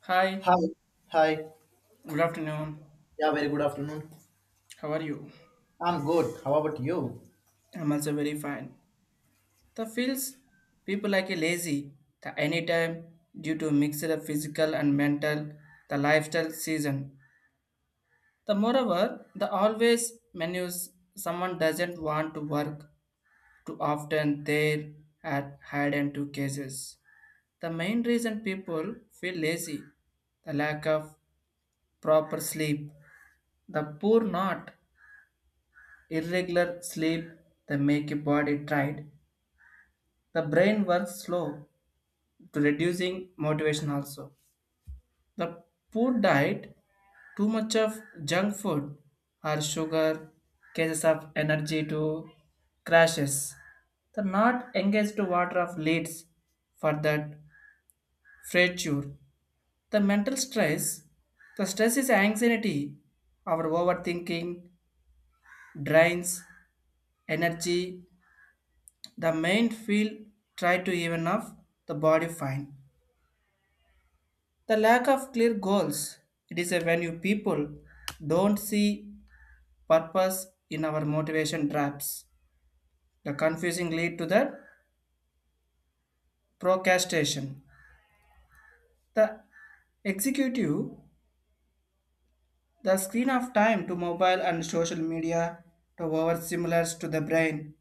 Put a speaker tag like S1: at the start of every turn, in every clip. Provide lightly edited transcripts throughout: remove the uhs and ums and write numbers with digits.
S1: Hi,
S2: Hi. Hi.
S1: good afternoon.
S2: Yeah, very good afternoon.
S1: How are you?
S2: I'm good. How about you?
S1: I'm also very fine. The feels people like a lazy the anytime due to mixed up physical and mental the lifestyle season. The moreover, the always menus someone doesn't want to work too often there at hide and two cases. The main reason people feel lazy, the lack of proper sleep, the poor not irregular sleep that make your body tired the brain works slow to reducing motivation also the poor diet too much of junk food or sugar cases of energy to crashes the not engaged to water of leads for that fracture the mental stress the stress is anxiety our overthinking drains energy. The main field tried to even off the body fine. The lack of clear goals. It is a when you people don't see purpose in our motivation traps. The confusing lead to the procrastination. The executive, the screen of time to mobile and social media to over similars to the brain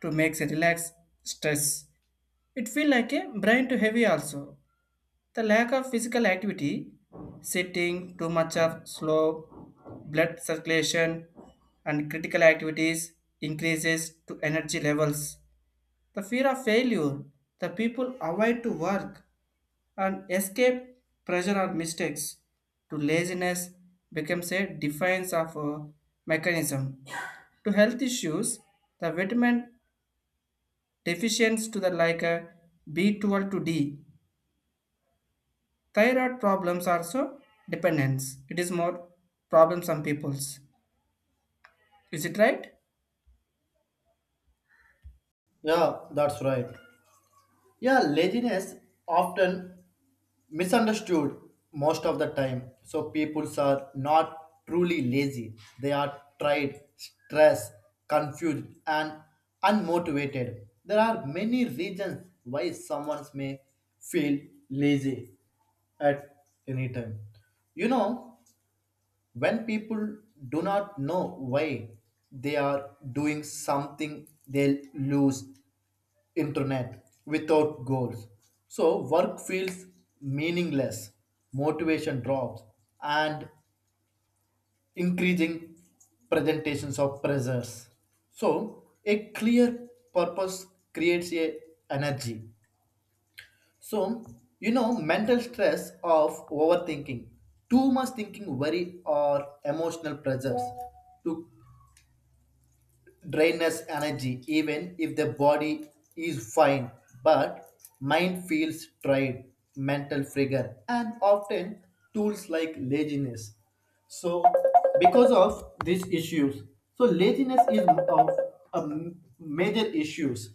S1: to makes a relax stress. It feel like a brain to heavy also. The lack of physical activity, sitting, too much of slow blood circulation, and critical activities increases to energy levels. The fear of failure, the people avoid to work and escape pressure or mistakes. To laziness becomes a defiance of a mechanism. To health issues, the vitamin deficiency to the like a B12 to D Thyroid problems are so dependence. It is more problem some people's. Is it right?
S2: Yeah, that's right. Yeah, laziness often misunderstood most of the time. So people are not truly lazy. They are tired, stressed, confused, and unmotivated. There are many reasons why someone may feel lazy at any time. You know, when people do not know why they are doing something, they lose internet without goals, so work feels meaningless, motivation drops, and increasing presentations of pressures, so a clear purpose creates a energy. So you know, mental stress of overthinking, too much thinking, worry or emotional pressures to drain us energy even if the body is fine, but mind feels tired. Mental figure and often tools like laziness. So because of these issues, so laziness is of a major issues.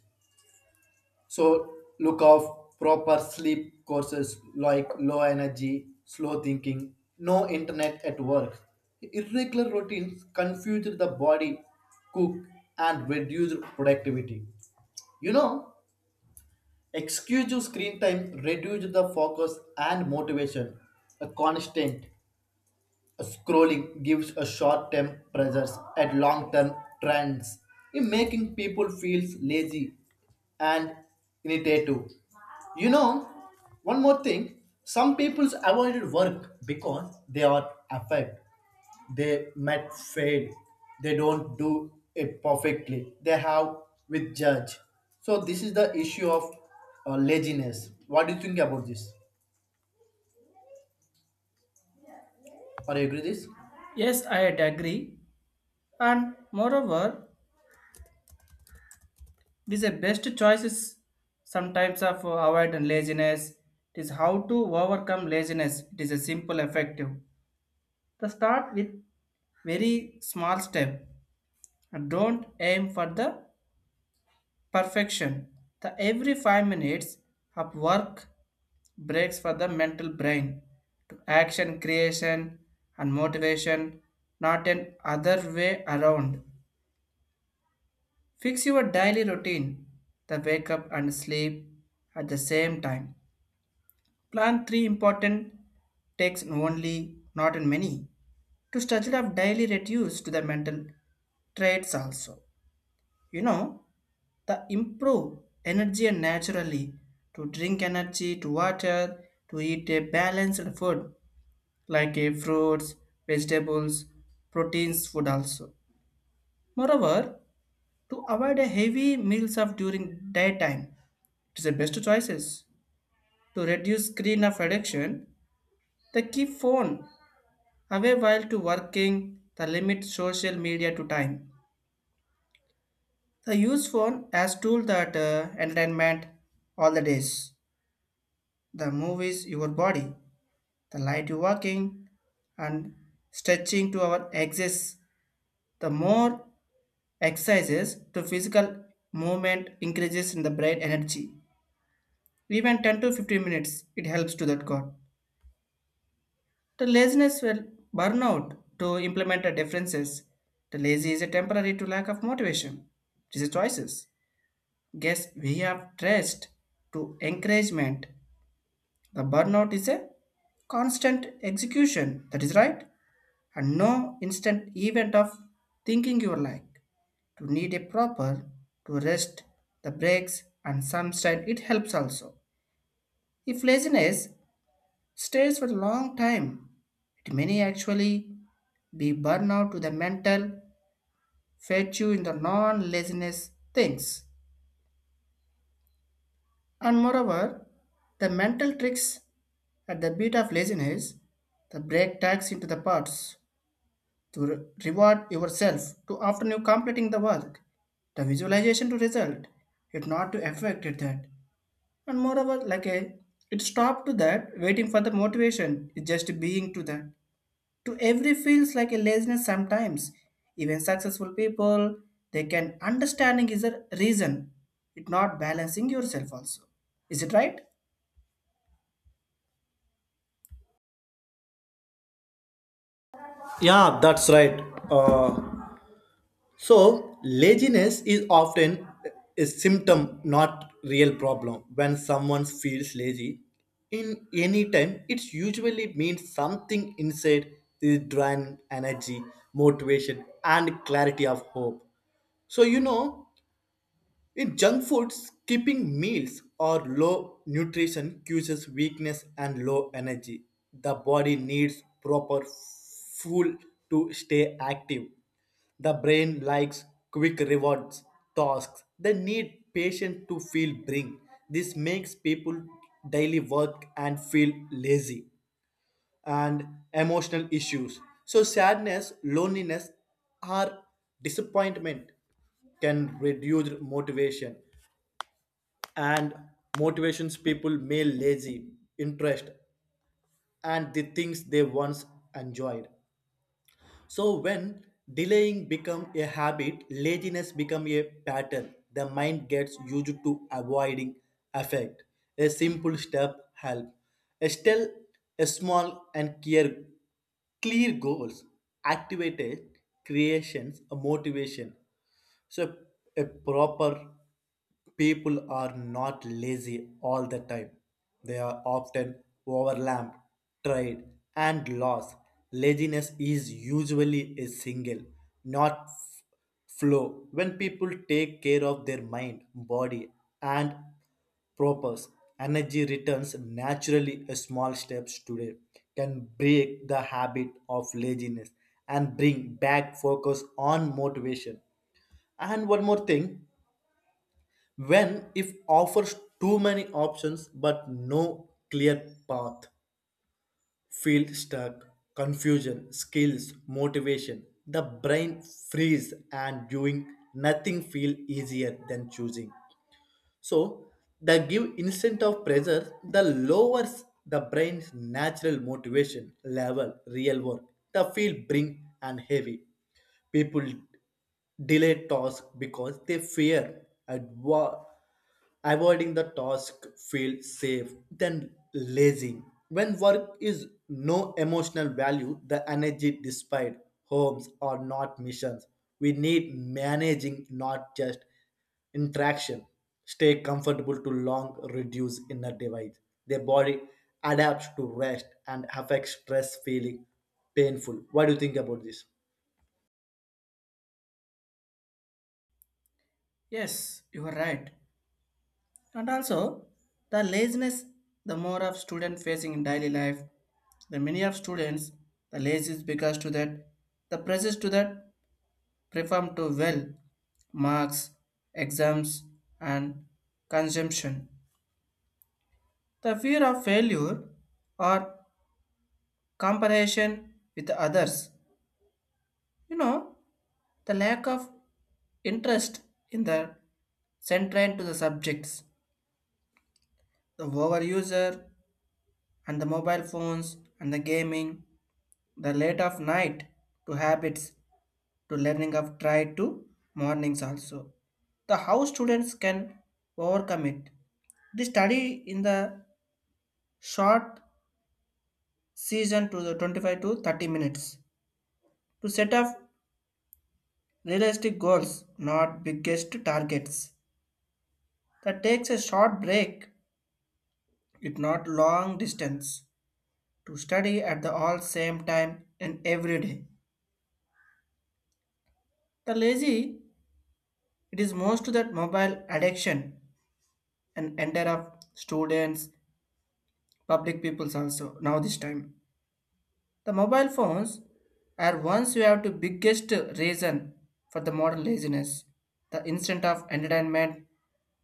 S2: So look of proper sleep courses like low energy, slow thinking, no internet at work. Irregular routines confuse the body, cook and reduce productivity. You know, excessive screen time reduce the focus and motivation. A constant. Scrolling gives a short-term pleasures and long-term trends in making people feel lazy and inattentive. You know, one more thing, some people avoided work because they are affected. They might fail. They don't do it perfectly. They have with judge. So this is the issue of laziness. What do you think about this? Are you agree this?
S1: Yes, I agree. And moreover, these are best choices sometimes of avoid and laziness. It is how to overcome laziness. It is a simple effective. The start with very small step. And don't aim for the perfection. The every 5 minutes of work breaks for the mental brain to action creation and motivation, not an other way around. Fix your daily routine, the wake up and sleep at the same time. Plan three important takes only, not in many, to study of daily reduce to the mental traits also. You know, the improve energy and naturally to drink energy, to water, to eat a balanced food like a fruits, vegetables, proteins food also. Moreover, to avoid a heavy meals of during daytime, it is the best choices. To reduce screen of addiction, the keep phone away while to working, the limit social media to time. The use phone as tool that entertainment all the days. The move is your body, the light you walking and stretching to our axis. The more exercises to physical movement increases in the brain energy. Even 10 to 15 minutes, it helps to that god. The laziness will burn out to implement the differences. The lazy is a temporary to lack of motivation. This is choices. Guess we have dressed to encouragement. The burnout is a constant execution, that is right, and no instant event of thinking you like. To need a proper, to rest, the breaks, and some style, it helps also. If laziness stays for a long time, it may actually be burnout to the mental, fetch you in the non-laziness things. And moreover, the mental tricks at the beat of laziness, the break tags into the parts. To reward yourself to after you completing the work. The visualization to result, it not to affect it that. And moreover, like a it stop to that, waiting for the motivation is just being to that. To every feels like a laziness sometimes. Even successful people, they can understanding is a reason. It not balancing yourself also. Is it right?
S2: Yeah, that's right. Uh, So laziness is often a symptom, not real problem. When someone feels lazy in any time, it usually means something inside is drawing energy, motivation, and clarity of hope. So you know, in junk food, skipping meals or low nutrition causes weakness and low energy. The body needs proper fuel to stay active. The brain likes quick rewards, tasks. They need patience to feel bring. This makes people daily work and feel lazy and emotional issues. So sadness, loneliness, or disappointment can reduce motivation, and motivations people may lazy interest and the things they once enjoyed. So when delaying become a habit, laziness become a pattern, the mind gets used to avoiding effect. A simple step help still a small and clear clear goals, activated creations a motivation, so a proper. People are not lazy all the time. They are often overlapped, tried, and lost. Laziness is usually a single, not flow. When people take care of their mind, body, and purpose, energy returns naturally. A small steps today can break the habit of laziness and bring back focus on motivation. And one more thing, when if offers too many options but no clear path, feel stuck, confusion skills motivation, the brain freeze and doing nothing feel easier than choosing. So the give instant of pressure, the lowers the brain's natural motivation level, real work. The feel bring and heavy. People delay task because they fear avoiding the task feel safe then lazy. When work is no emotional value, the energy despite, homes are not missions, we need managing not just in traction, stay comfortable to long reduce inner divide. Their body adapts to rest and affects stress feeling painful. What do you think about this?
S1: Yes, you are right. And also, the laziness, the more of student facing in daily life, the many of students, the lazy is because to that, the pressures to that perform to well, marks, exams, and consumption. The fear of failure or comparison with others. You know, the lack of interest in the central to the subjects, the overuser and the mobile phones and the gaming the late of night to habits to learning of try to mornings also. The how students can overcome it. The study in the short season to the 25 to 30 minutes to set up realistic goals, not biggest targets. That takes a short break, it not long distance to study at the all same time and every day. The lazy, it is most that mobile addiction and entire of students, public peoples also now this time. The mobile phones are once you have the biggest reason for the modern laziness. The instant of entertainment,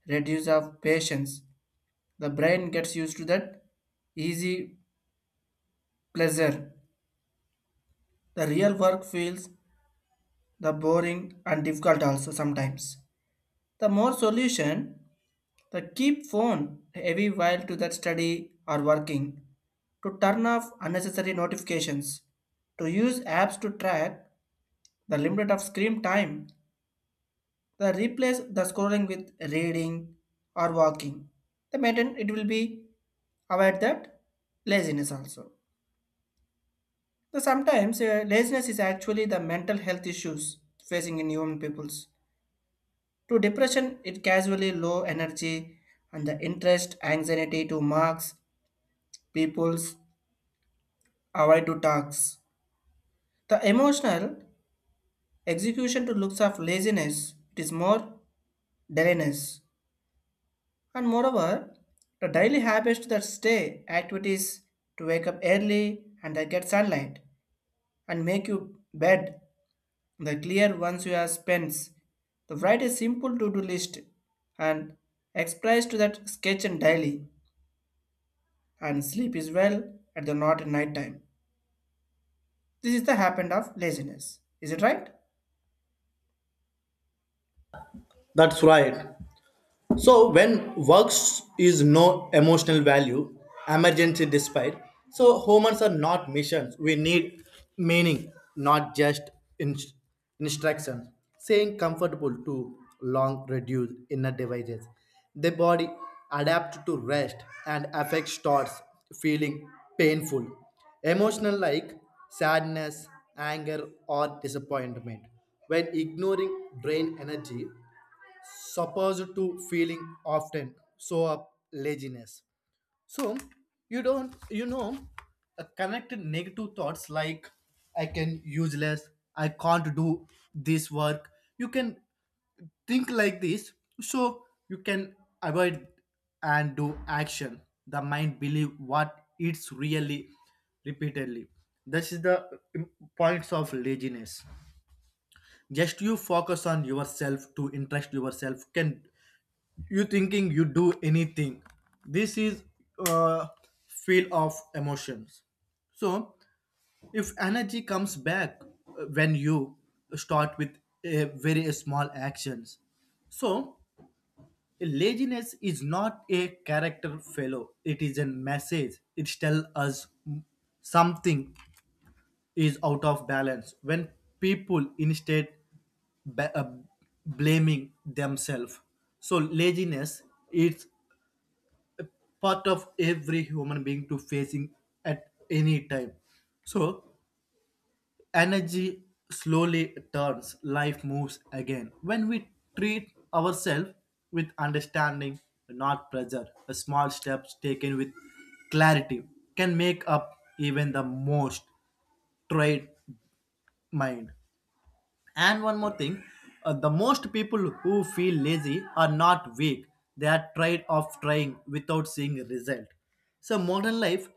S1: reduce of patience. The brain gets used to that easy pleasure. The real work feels the boring and difficult also sometimes. The more solution the keep phone every while to that study or working, to turn off unnecessary notifications, to use apps to track the limit of screen time, the replace the scrolling with reading or walking. The maintain it will be avoid that laziness also. The sometimes laziness is actually the mental health issues facing in human peoples. To depression, it casually low energy and the interest, anxiety to marks people's avoid to tax. The emotional execution to looks of laziness, it is more dailiness. And moreover, the daily habits that stay activities to wake up early and they get sunlight and make you bed the clear once you have spent. The write a simple to-do list and express to that sketch and daily and sleep is well at the not at night time. This is the happened of laziness. Is it right?
S2: That's right. So when works is no emotional value, emergency despite, so humans are not missions. We need meaning, not just in- instructions. Saying comfortable to long reduce inner devices. The body adapts to rest and affect starts feeling painful. Emotional like sadness, anger or disappointment. When ignoring drain energy, supposed to feeling often so up laziness. So you don't you know connect negative thoughts like I can useless, I can't do this work. You can think like this, so you can avoid and do action. The mind believe what it's really repeatedly. This is the im- points of laziness. Just you focus on yourself to interest yourself can you thinking you do anything. This is uh, feel of emotions. So if energy comes back, when you start with a very small actions. So laziness is not a character fellow, it is a message, it tells us something is out of balance. When people instead ba- uh, blaming themselves, so laziness is part of every human being to facing at any time. So energy slowly turns, life moves again. When we treat ourselves with understanding, not pressure, the small steps taken with clarity can make up even the most tried mind. And one more thing, the most people who feel lazy are not weak. They are tired of trying without seeing result. So modern life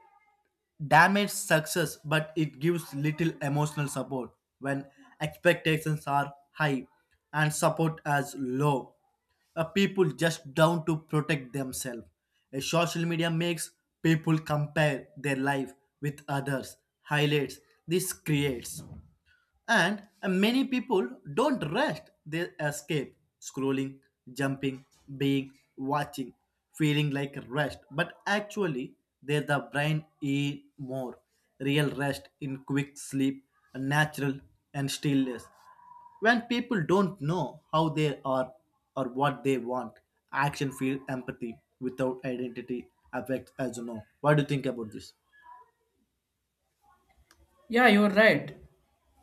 S2: damage success, but it gives little emotional support when expectations are high and support as low. People just down to protect themselves. Social media makes people compare their life with others, highlights. This creates. And many people don't rest, they escape, scrolling, jumping, being, watching, feeling like rest. But actually, the brain eat more. Real rest in quick sleep, natural and stillness. When people don't know how they are or what they want, action feel empathy without identity affects as you know. What do you think about this?
S1: Yeah, you're right.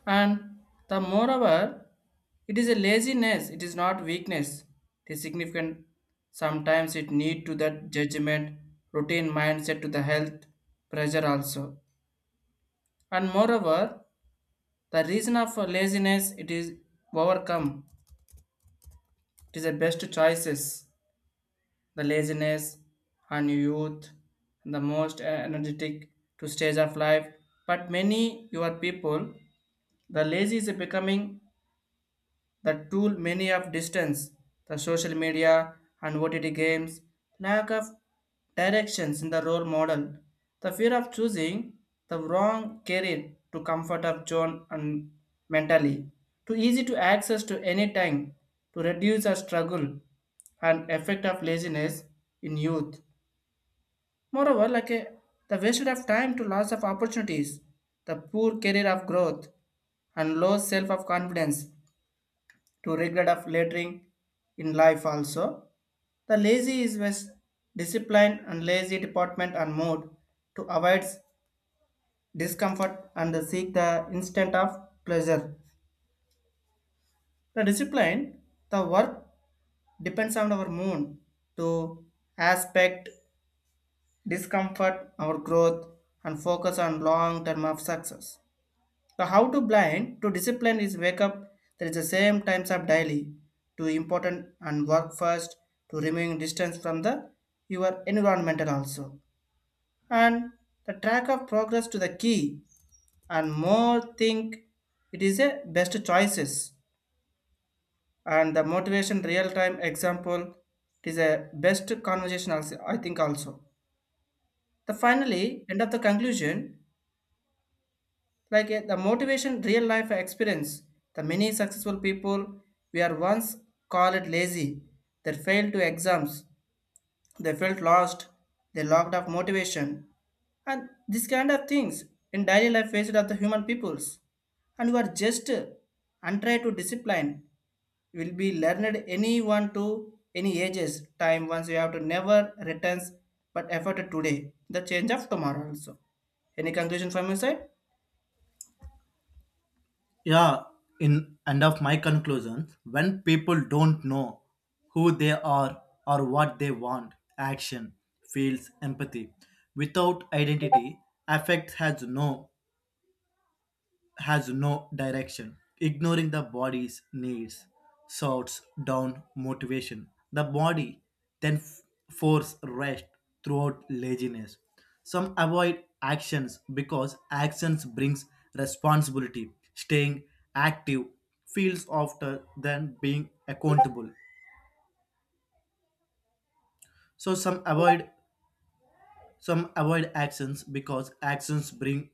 S1: And the moreover, it is a laziness, it is not weakness. It is significant. Sometimes it need to that judgment, routine mindset to the health, pressure also. And moreover, the reason of laziness it is overcome. It is the best choices. The laziness and youth the most energetic to stage of life. But many your people the lazy is becoming the tool many of distance, the social media and OTT games, lack of directions in the role model, the fear of choosing the wrong career to comfort of John and mentally, too easy to access to any time to reduce our struggle and effect of laziness in youth. Moreover, like a, the wasted of time to loss of opportunities, the poor career of growth and low self of confidence to regret of later in life also. The lazy is best discipline and lazy department and mood to avoid discomfort and seek the instant of pleasure. The discipline, the work depends on our mood to aspect discomfort, our growth, and focus on long term of success. So how to blind to discipline is wake up. There is the same times of daily to important and work first to removing distance from the your environmental also and the track of progress to the key and more think it is a best choices and the motivation real time example it is a best conversation also, I think also. The finally end of the conclusion like the motivation real life experience the many successful people we are once called lazy they failed to exams they felt lost they lacked of motivation and this kind of things in daily life faced of the human peoples and you are just untried to discipline you will be learned anyone to any ages time once you have to never returns but effort today the change of tomorrow also any conclusion from your side.
S2: Yeah, in end of my conclusions, when people don't know who they are or what they want, action feels empathy without identity, affect has no direction, ignoring the body's needs, sorts down motivation. The body then force rest throughout laziness. Some avoid actions because actions brings responsibility. Staying active feels after than being accountable. So some avoid actions because actions bring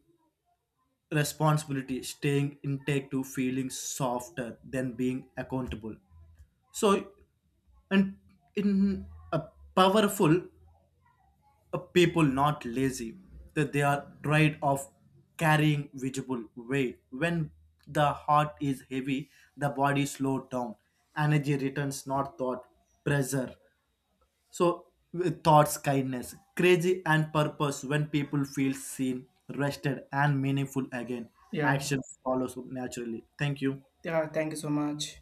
S2: responsibility. Staying intake to feeling softer than being accountable. So, and in a powerful a people, not lazy, that they are tired of carrying visible weight. When the heart is heavy, the body slows down. Energy returns, not thought, pressure. So, with thoughts, kindness, crazy, and purpose. When people feel seen, rested, and meaningful again,
S1: Yeah,
S2: action follows naturally. Thank you.
S1: yeah, thank you so much.